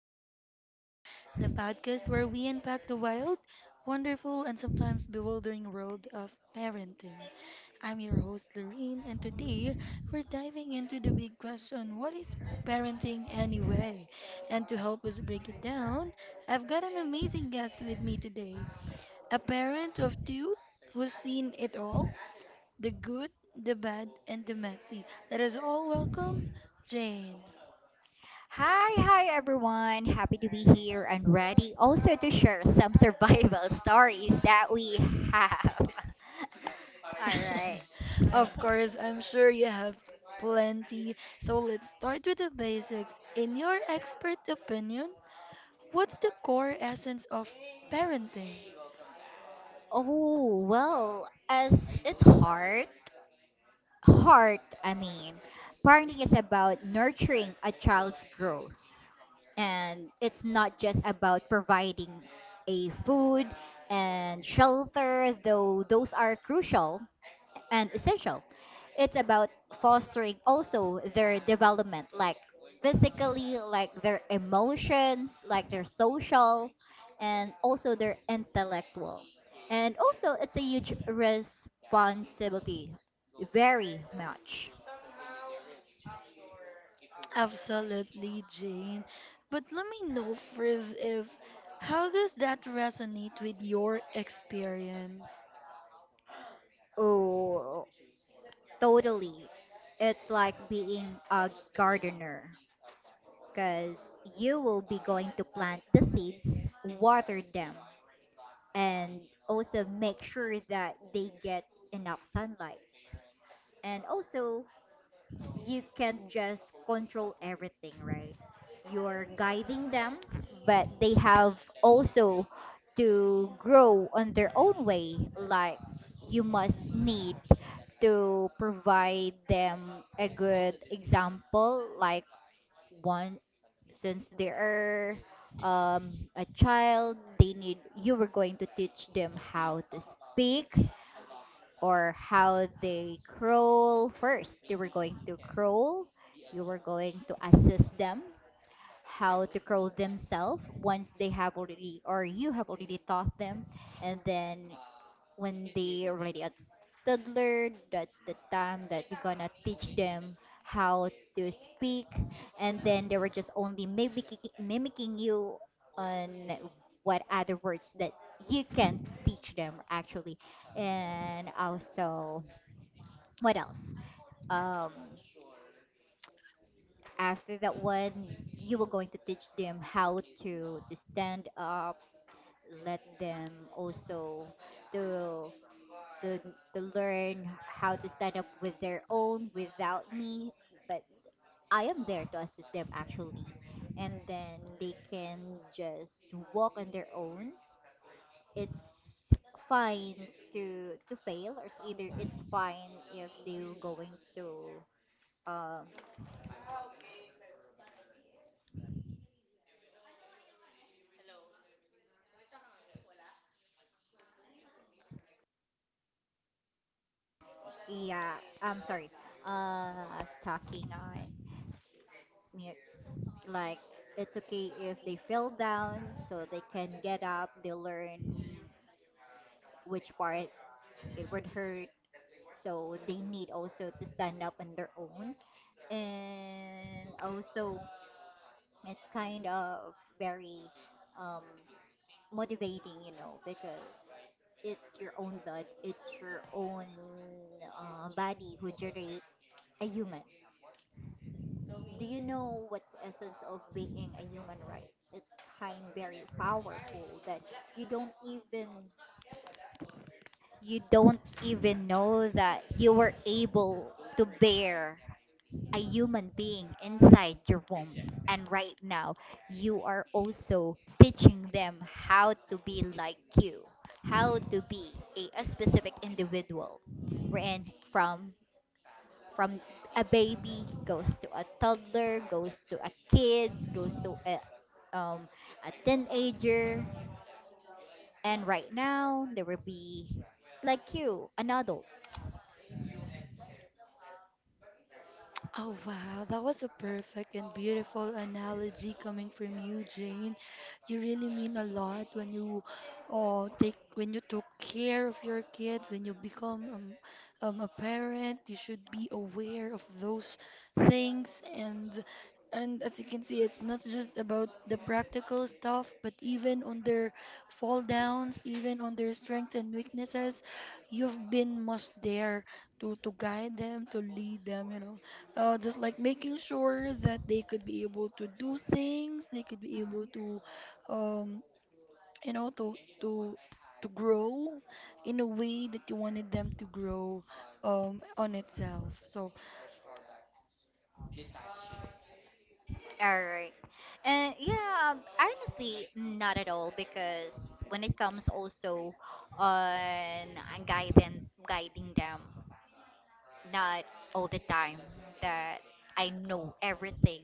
Raising Humans, the podcast where we unpack the wild, wonderful, and sometimes bewildering world of parenting. I'm your host, Lorene, and today we're diving into the big question: what is parenting anyway? And to help us break it down, I've got an amazing guest with me today, a parent of two who's seen it all: the good, the bad, and the messy. Let us all welcome Jane. Hi, everyone. Happy to be here and ready also to share some survival stories that we have. All right. Of Mm. course, I'm sure you have plenty. So let's start with the basics. In your expert opinion, what's the core essence of parenting? Oh, well, as its heart, parenting is about nurturing a child's growth. And it's not just about providing a food and shelter, though those are crucial and essential. It's about fostering also their development, like physically, like their emotions, like their social, and also their intellectual. And also, it's a huge responsibility, very much. Absolutely, Jane. But let me know first if how does that resonate with your experience? Oh, totally. It's like being a gardener because you will be going to plant the seeds, water them, and also make sure that they get enough sunlight. And also, you can't just control everything, right? You're guiding them, but they have also to grow on their own way. Like, you must need to provide them a good example, like one since they are a child, they need, you were going to teach them how to speak or how they crawl first, they were going to crawl, you were going to assist them how to crawl themselves once they have already or you have already taught them. And then when they are already a toddler, that's the time that you're gonna teach them how to speak, and then they were just only mimicking you on what other words that you can teach them actually. And also, what else? um After that one, you were going to teach them how to stand up, let them also to to, to learn how to stand up with their own without me, but I am there to assist them actually. And then they can just walk on their own. It's fine to fail, or it's either it's fine if they're going to, um yeah, I'm sorry, talking on mute. Like, it's okay if they fell down, so they can get up, they learn which part it would hurt. So they need also to stand up on their own. And also, it's kind of very, um, motivating, you know, because it's your own blood, it's your own body who generate a human. Do you know what's the essence of being a human, right? It's kind very powerful that you don't even you don't even know that you were able to bear a human being inside your womb. And right now, you are also teaching them how to be like you, how to be a specific individual. Wherein from a baby goes to a toddler, goes to a kid, goes to a, um a teenager, and right now there will be, like you, an adult. Oh, wow. That was a perfect and beautiful analogy coming from you, Jane. You really mean a lot when you take when you took care of your kids, when you become a parent, you should be aware of those things and as you can see, it's not just about the practical stuff, but even on their fall downs, even on their strengths and weaknesses, you've been much there to guide them, to lead them, you know. Just like making sure that they could be able to do things, they could be able Mm-hmm. to, um, you know, to to grow in a way that you wanted them to grow, on itself. So, All right. And yeah, honestly, not at all, because when it comes also on guiding guiding them, not all the time that I know everything,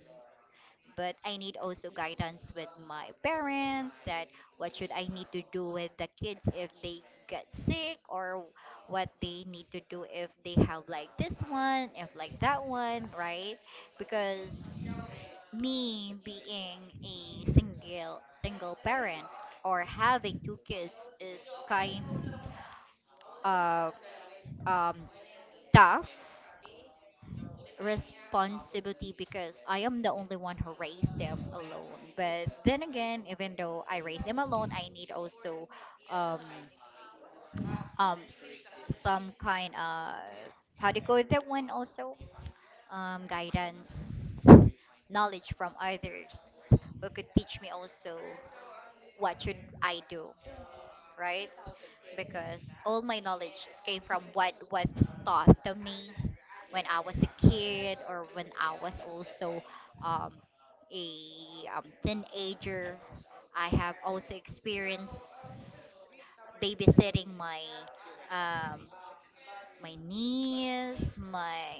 but I need also guidance with my parent that what should I need to do with the kids if they get sick, or what they need to do if they have like this one, if like that one, right? Because me being a single parent or having two kids is kind of, um, tough responsibility, because I am the only one who raised them alone. But then again, even though I raised them alone, I need also, um, some kind of how to call with that one also, guidance, knowledge from others who could teach me also what should I do, right? Because all my knowledge just came from what was taught to me when I was a kid, or when I was also, um, a, teenager. I have also experienced babysitting my, um, my niece, my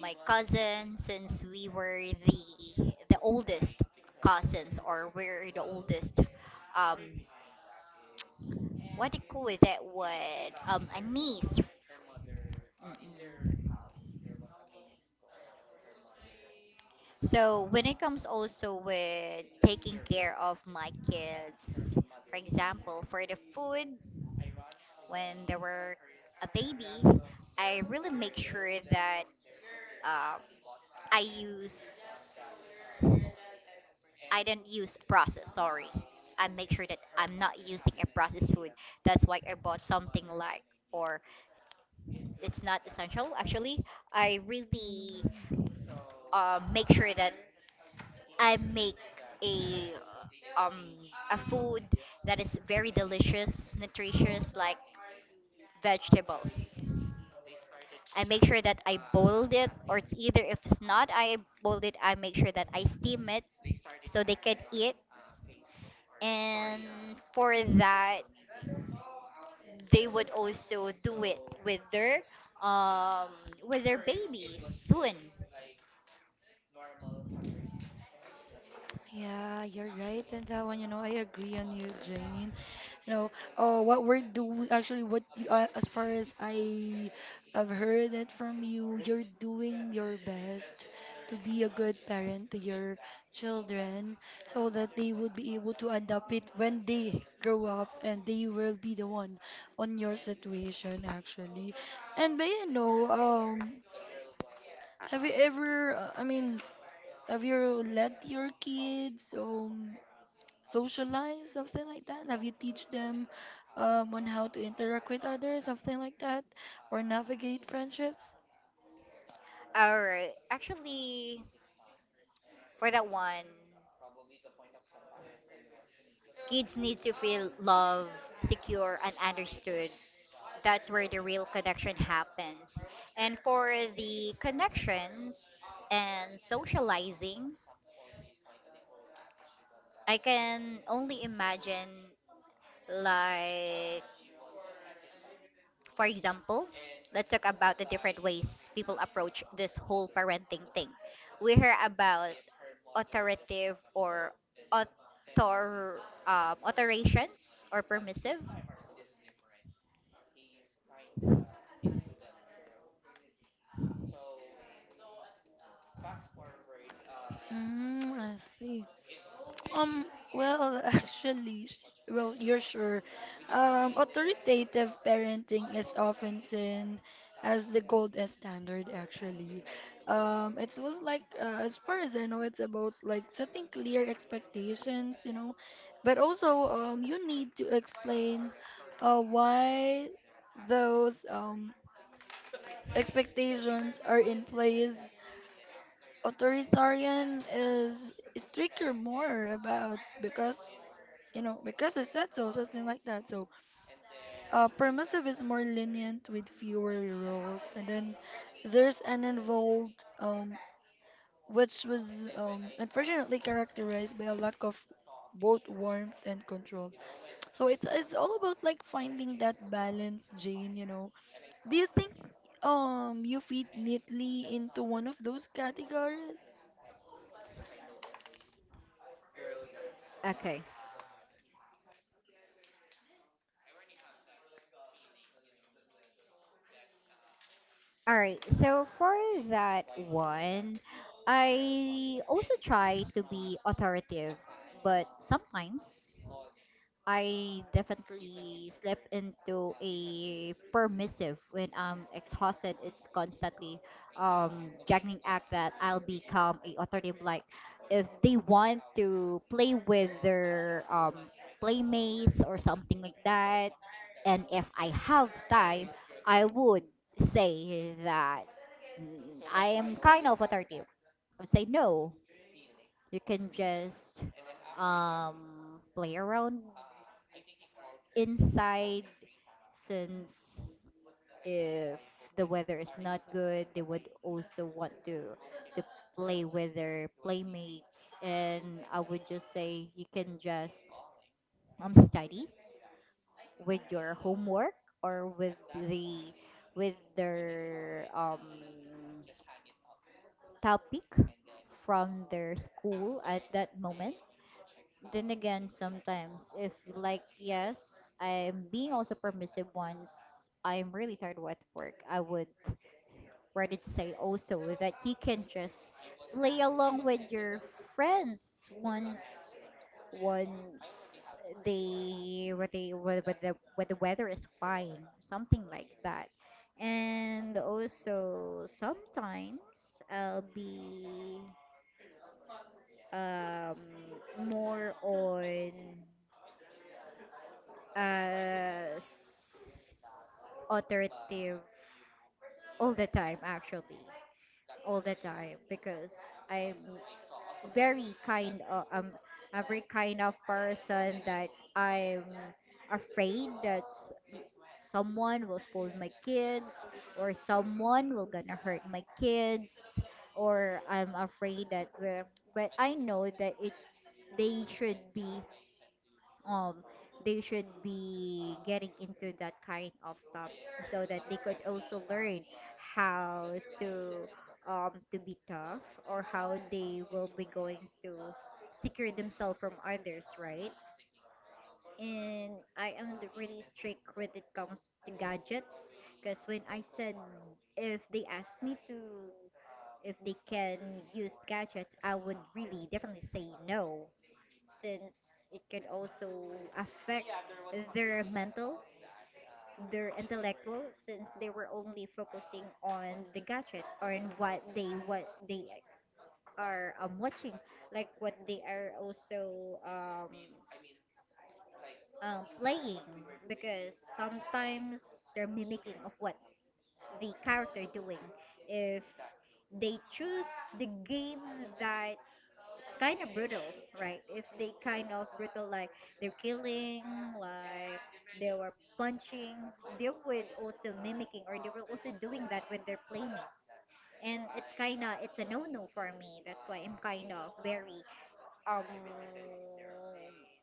my cousin, since we were the oldest cousins, or we're the oldest, um, what they call that word? Anise. Mm-mm. So when it comes also with taking care of my kids, for example, for the food when they were a baby, I really make sure that, uh, I use I don't use processed. Sorry, I make sure that I'm not using a processed food. That's why I bought something like, or, it's not essential, actually. I really, mm, make sure that I make a, um a food that is very delicious, nutritious, like vegetables. I make sure that I boiled it, or it's either if it's not I boiled it, I make sure that I steam it so they can eat. And for that, they would also do it with their, um with their babies soon. yeah, you're right on that one. You know, I agree on you, Jane. You know, oh, what we're doing actually, what you, as far as I have heard it from you, you're doing your best to be a good parent to your children so that they would be able to adapt it when they grow up and they will be the one on your situation actually. And but you know, have you ever, I mean, have you let your kids um? Socialize, something like that? Have you teach them on how to interact with others, something like that, or navigate friendships? Or actually, for that one, kids need to feel loved, secure and understood. That's where the real connection happens. And for the connections and socializing, I can only imagine, like, for example, let's talk about the different ways people approach this whole parenting thing. We hear about authoritative or author authorizations or permissive. Mm, I see. Um, well, actually, well, you're sure. Authoritative parenting is often seen as the gold standard, actually. It was like, as far as I know, it's about like setting clear expectations, you know, but also, you need to explain, why those, expectations are in place. Authoritarian is stricter, more about because you know, because it said so, something like that. So, permissive is more lenient with fewer rules, and then there's an involved, which was unfortunately characterized by a lack of both warmth and control. So it's all about like finding that balance, Jane. You know, do you think you fit neatly into one of those categories? Okay. All right. So for that one, I also try to be authoritative, but sometimes I definitely slip into a permissive when I'm exhausted. It's constantly, juggling act that I'll become a authoritative. Like, if they want to play with their, playmates or something like that, and if I have time, I would say that, mm, I am kind of authoritative. I would say no. You can just, play around inside, since if the weather is not good, they would also want to play with their playmates. And I would just say you can just, study with your homework, or with the, with their, topic from their school at that moment. Then again, sometimes if like yes, I'm being also permissive. Once I'm really tired with work, I would rather to say also that you can just play along with your friends once once they what the weather is fine, something like that. And also sometimes I'll be, um more on, uh, s- authoritative all the time actually all the time, because i'm I'm a very kind of person that I'm afraid that, someone will scold my kids, or someone will gonna hurt my kids, or I'm afraid that we're, but I know that it, they should be, um, they should be getting into that kind of stuff so that they could also learn how to, to be tough, or how they will be going to secure themselves from others, right? And I am the really strict when it comes to gadgets. Because when I said if they ask me to, if they can use gadgets, I would really definitely say no, since it can also affect their mental, their intellectual, since they were only focusing on the gadget, or on what they, what they are, watching, like what they are also, playing, because sometimes they're mimicking of what the character doing. If they choose the game that it's kind of brutal, right? If they kind of brutal, like, they're killing, like, they were punching, they would also mimicking, or they were also doing that with their playmates, and it's kind of, it's a no-no for me. That's why I'm kind of very, um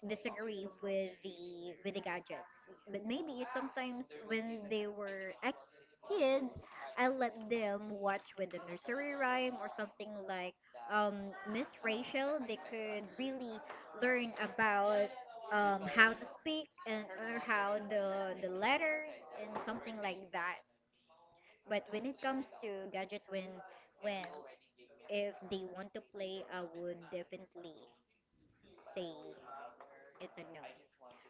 disagree with the gadgets. But maybe sometimes when they were a kid, I let them watch with the nursery rhyme or something like, um Miss Rachel. They could really learn about, how to speak, and or how the letters and something like that. But when it comes to gadget, when if they want to play, I would definitely say it's a no.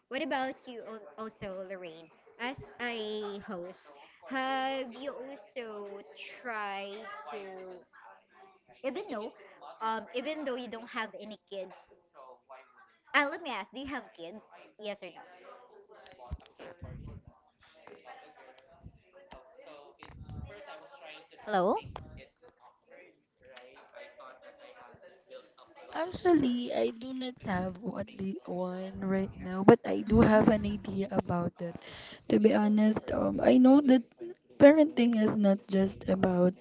What about you, also, Lorraine? As a host, have you also tried to, even though, even though you don't have any kids, let me ask, do you have kids? Yes or no? Hello? Actually, I do not have one, one right now, but I do Mhm. have an idea about it. To be honest, I know that parenting is not just about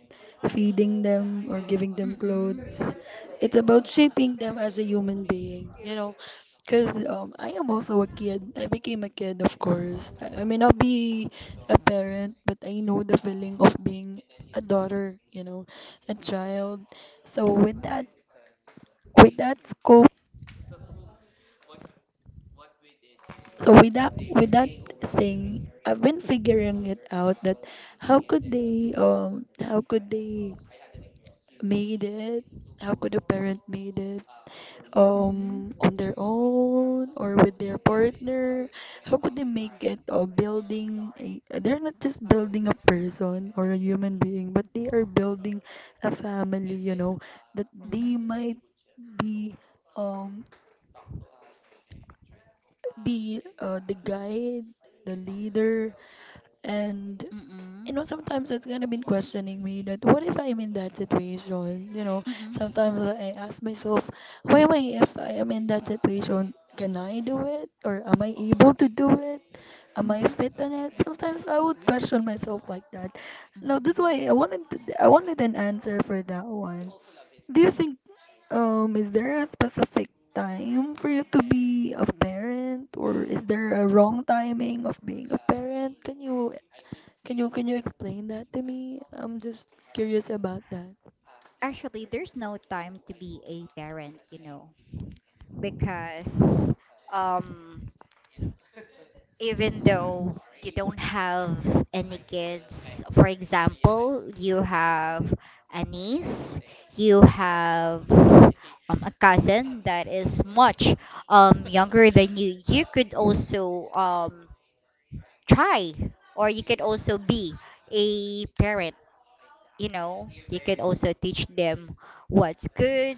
feeding them or giving them Mm-mm. clothes. It's about shaping them as a human being, you know, because I am also a kid. I became a kid, of course. I may not be a parent, but I know the feeling of being a daughter, you know, a child. So with that scope so with that thing, I've been figuring it out that how could they made it, how could a parent made it Mhm. On their own or with their partner, how could they make it, building a they're not just building a person or a human being but they are building a family, you Mm-mm. know, that they might be um be the guide, the leader, and Mm-mm. Mm-mm. you know sometimes it's kind of been questioning me that what if I'm in that situation? You know, sometimes I ask myself, why am I if I am in that situation? Can I do it, or am I able to do it? Am I fit on it? Sometimes I would question myself like that. Now that's why I wanted to, I wanted an answer for that one. Do you think is there a specific time for you to be a parent, or is there a wrong timing of being a parent? Can you can you explain that to me? I'm just curious about that. Actually, there's no time to be a parent, you know, because, um, even though you don't have any kids, for example, you have a niece, you have, a cousin that is much, younger than you, you could also, try, or you could also be a parent. You know, you could also teach them what's good,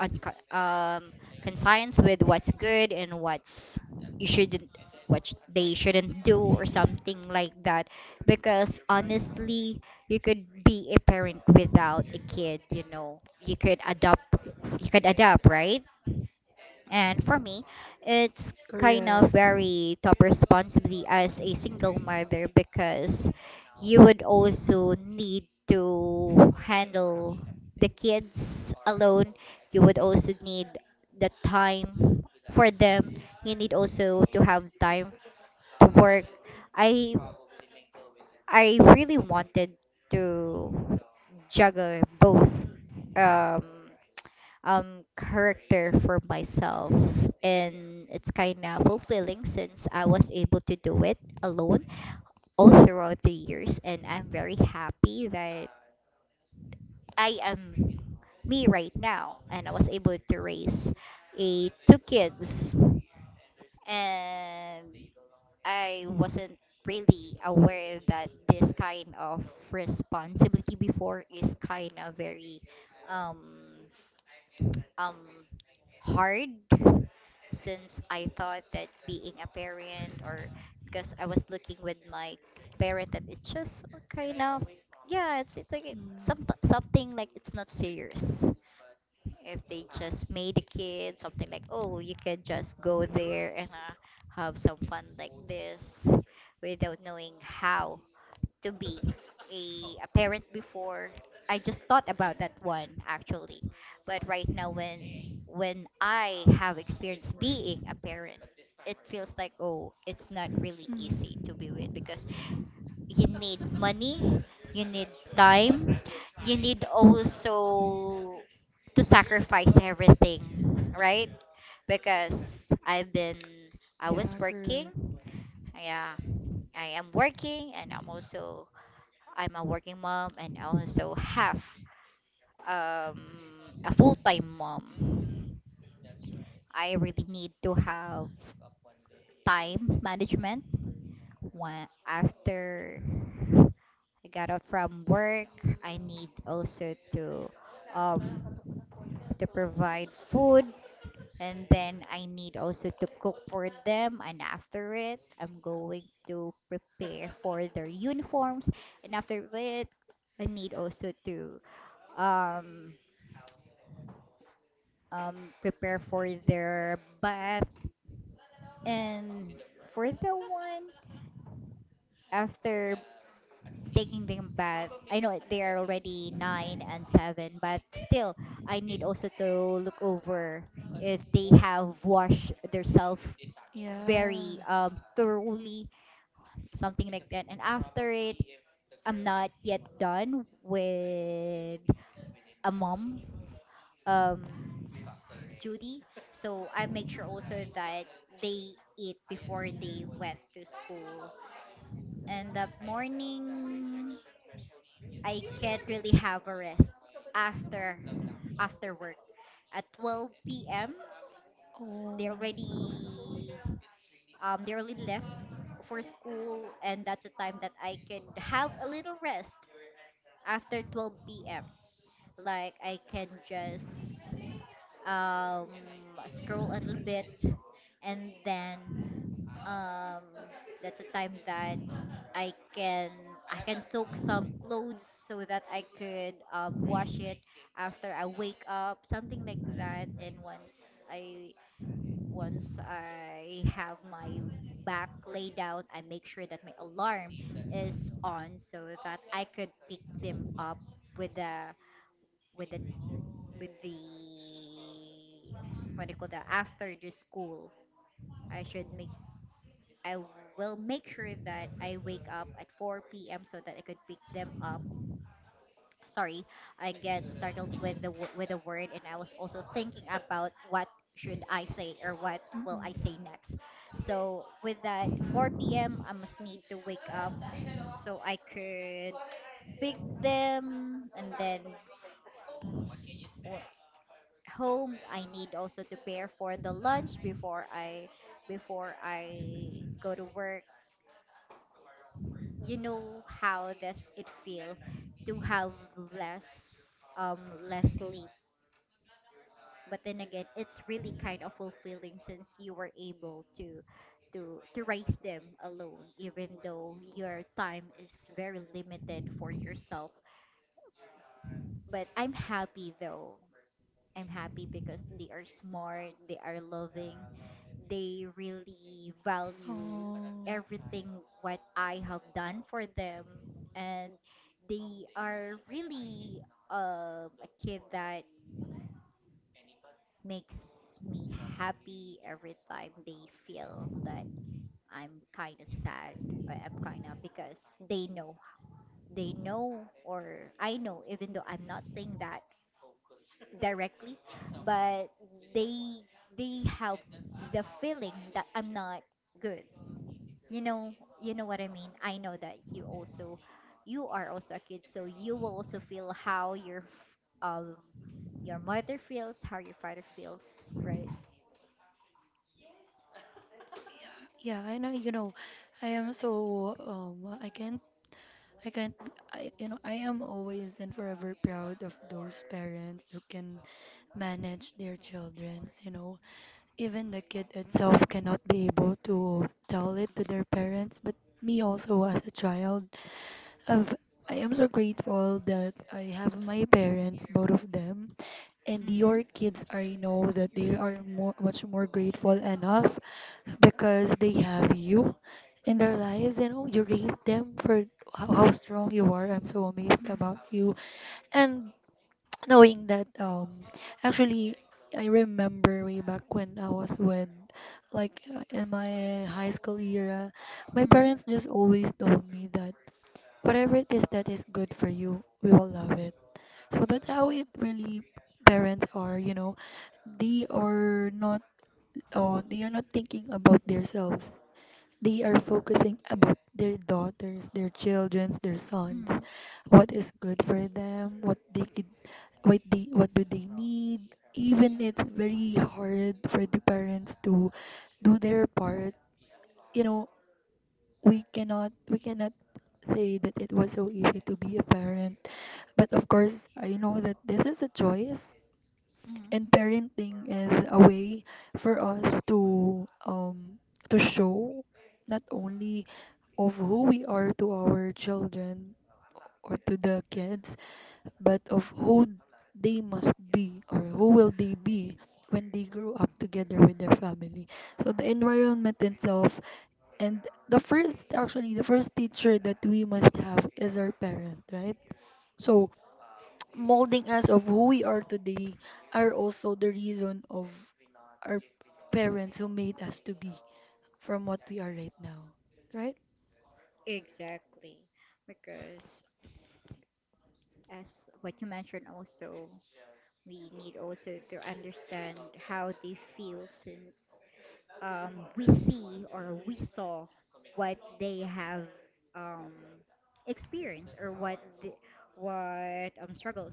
unco- um, conscience with what's good, and what's you shouldn't, they shouldn't do, or something like that. Because honestly, you could be a parent without a kid, you know. You could adopt, you could adopt, right? And for me, it's kind Correct. of very top responsibility as a single mother, because you would also need to handle the kids alone. You would also need the time for them. You need also to have time to work. I I really wanted to juggle both. Um, character for myself, and it's kind of fulfilling since I was able to do it alone all throughout the years, and I'm very happy that I am me right now and I was able to raise a two kids. And I wasn't really aware that this kind of responsibility before is kind of very um um hard, since I thought that being a parent, or because I was looking with my parent, that it's just kind of, yeah, it's like it, some Mm. something like it's not serious if they just made a kid, something like, oh, you can just go there and have some fun like this without knowing how to be a parent before. I just thought about that one actually. But right now, when I have experience being a parent, it feels like, oh, it's not really easy to Mm. be with, because you need money, you need time, you need also to sacrifice everything, right? Because I was Yeah, correct. working. Yeah. I am working, and I'm also, I'm a working mom and also have um, a full time mom. I really need to have time management when after I got out from work. I need also um, to provide food, and then I need also to cook for them, and after it I'm going to prepare for their uniforms, and after it I need also to um, um, prepare for their bath. And for the one after taking them bath, I know they are already nine and seven, but still, I need also to look over if they have washed themselves Yeah. very thoroughly, something like that. And after it, I'm not yet done with a mom. Um, Duty. So I make sure also that they eat before they went to school. And the morning, I can't really have a rest after after work. At 12 p.m., they Oh. already they already left for school, and that's the time that I can have a little rest after 12 p.m. Like I can just um, scroll a little bit, and then um that's a time that I can I can soak some clothes so that I could wash it after I wake up, something like that. And once I once I have my back laid down, I make sure that my alarm is on so that I could pick them up with the with the with the what do you call that, after the school. I should make I will make sure that I wake up at 4 p.m. so that I could pick them up. Sorry, I get startled with the with the word, and I was also thinking about what should I say or what will I Mm-mm. say next. So with that 4 p.m., I must need to wake up so I could pick them, and then w- home, I need also to prepare for the lunch before I before I go to work. You know how does it feel to have less less sleep. But then again, it's really kind of fulfilling, since you were able to to raise them alone, even though your time is very limited for yourself. But I'm happy though, I'm happy, because they are smart, they are loving, they really value Oh. everything what I have done for them, and they are really a kid that makes me happy every time they feel that I'm kind of sad, or I'm kind of, because they know, they know, or I know, even though I'm not saying that directly, but they they have the feeling that I'm not good. You know, you know what I mean. I know that you also, you are also a kid, so you will also feel how your, um, your mother feels, how your father feels, right? Yeah, I know, you know, I am so I can't I can't, I, you know, I am always and forever proud of those parents who can manage their children, you know. Even the kid itself cannot be able to tell it to their parents, but me also as a child, I've, I am so grateful that I have my parents, both of them, and Mm. your kids, I know that they are more, much more grateful enough because they have you in their lives and oh you raised them for how strong you are, I'm so amazed about Mm. you. And knowing that actually I remember way back when I was with like in my high school era, my Mm-hmm. parents just always told me that whatever it is that is good for you we will love it, so that's how it really parents are, you know. They are not they are not thinking about themselves. They are focusing about their daughters, their children, their sons. Mm. What is good for them, what they could what they what do they need. Even it's very hard for the parents to do their part. You know, we cannot say that it was so easy to be a parent. But of course, I know that this is a choice Mm. and parenting is a way for us to show not only of who we are to our children or to the kids, but of who they must be or who will they be when they grow up together with their family. So the environment itself and the first, actually the first teacher that we must have is our parent, right? So molding us of who we are today are also the reason of our parents who made us to be from what we are right now. Right? Exactly. Because as what you mentioned also, we need also to understand how they feel, since we see, or we saw what they have um, experienced, or what the, what struggles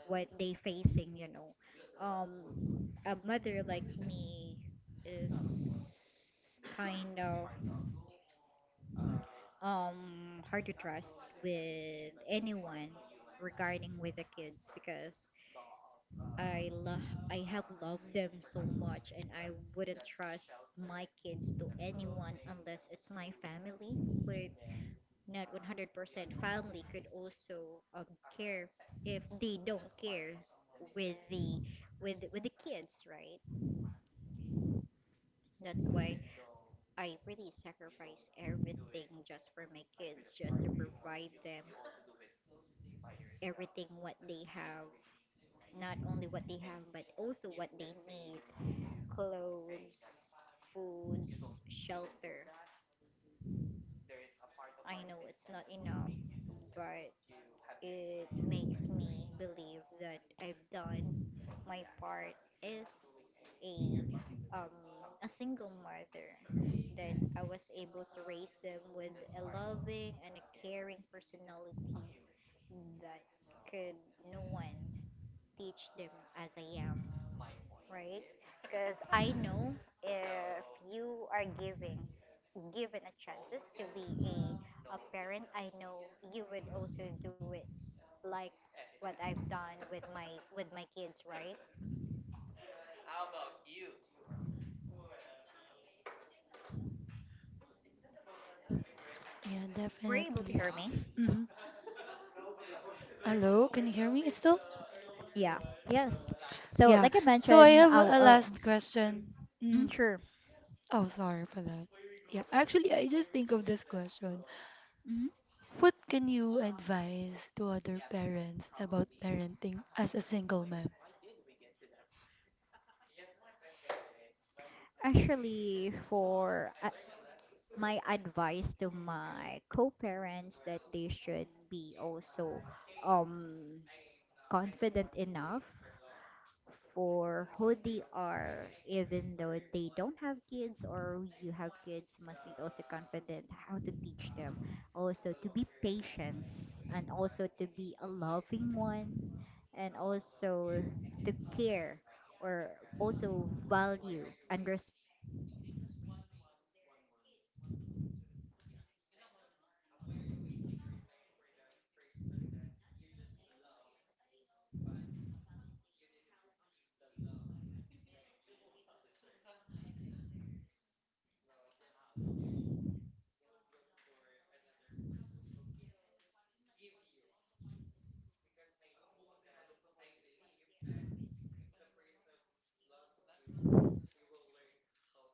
what they facing, you know. um, a mother like me is kind of hard to trust with anyone regarding with the kids, because I love, I have loved them so much, and I wouldn't trust my kids to anyone unless it's my family. But not 100% family could also care, if they don't care with the with the kids, right? That's why I really sacrifice everything just for my kids, just to provide them everything what they have, not only what they have but also what they need: clothes, foods, shelter. I know it's not enough, but it makes me believe that I've done my part as a um a single mother, that I was able to raise them with a loving and a caring personality that could, no one teach them as I am, right? Because I know, if you are giving, given a chances to be a parent, I know you would also do it like what I've done with my kids, right? Yeah, Were you able to hear definitely. me? hmm Hello, can you hear me still? Yeah, yes. So, like Yeah. I So I mentioned, have I'll, a I'll last question. mm, Mm. sure. Oh, sorry for that. Yeah, actually, I just think of this question. Hmm. What can you advise to other parents about parenting as a single mom? Actually, for my advice to my co-parents, that they should be also um confident enough for who they are, even though they don't have kids, or you have kids, must need also confident how to teach them, also to be patient, and also to be a loving one, and also to care, or also value and respect th- their kids opinion, or their kids' thought. Because not knowing, we're able to invalidate how they feel. And it will also affect their mentality, their in- intelligence. So you must also need also to know what they are been through. You need also to know,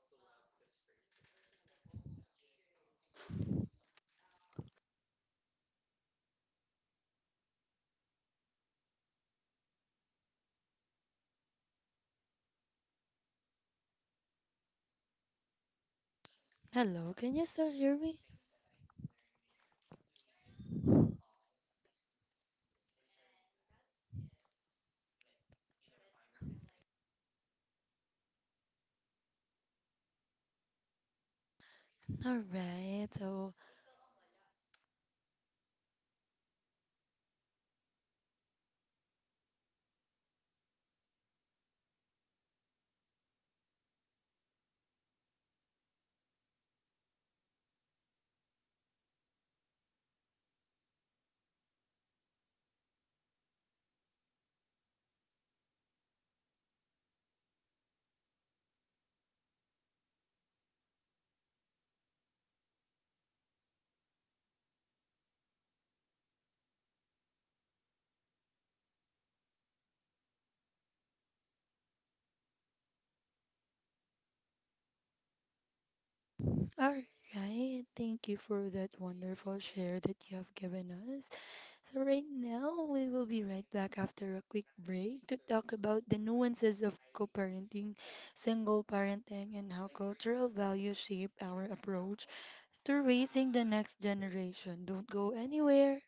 um, you need also to know what should, um, the kids, um, doing? Hello, can you still Hello. hear me? And that's it. That's more a likely advice to the people that I have. All right. So, All right. So I guess that's all. So we could also try to have some session two with our parenting. So be right back. And with my with my host Lorraine, and this is also Jane, your guest. all right. Thank you for that wonderful share that you have given us. So, right now, we will be right back after a quick break to talk about the nuances of co parenting, single parenting, and how cultural values shape our approach to raising the next generation. Don't go anywhere.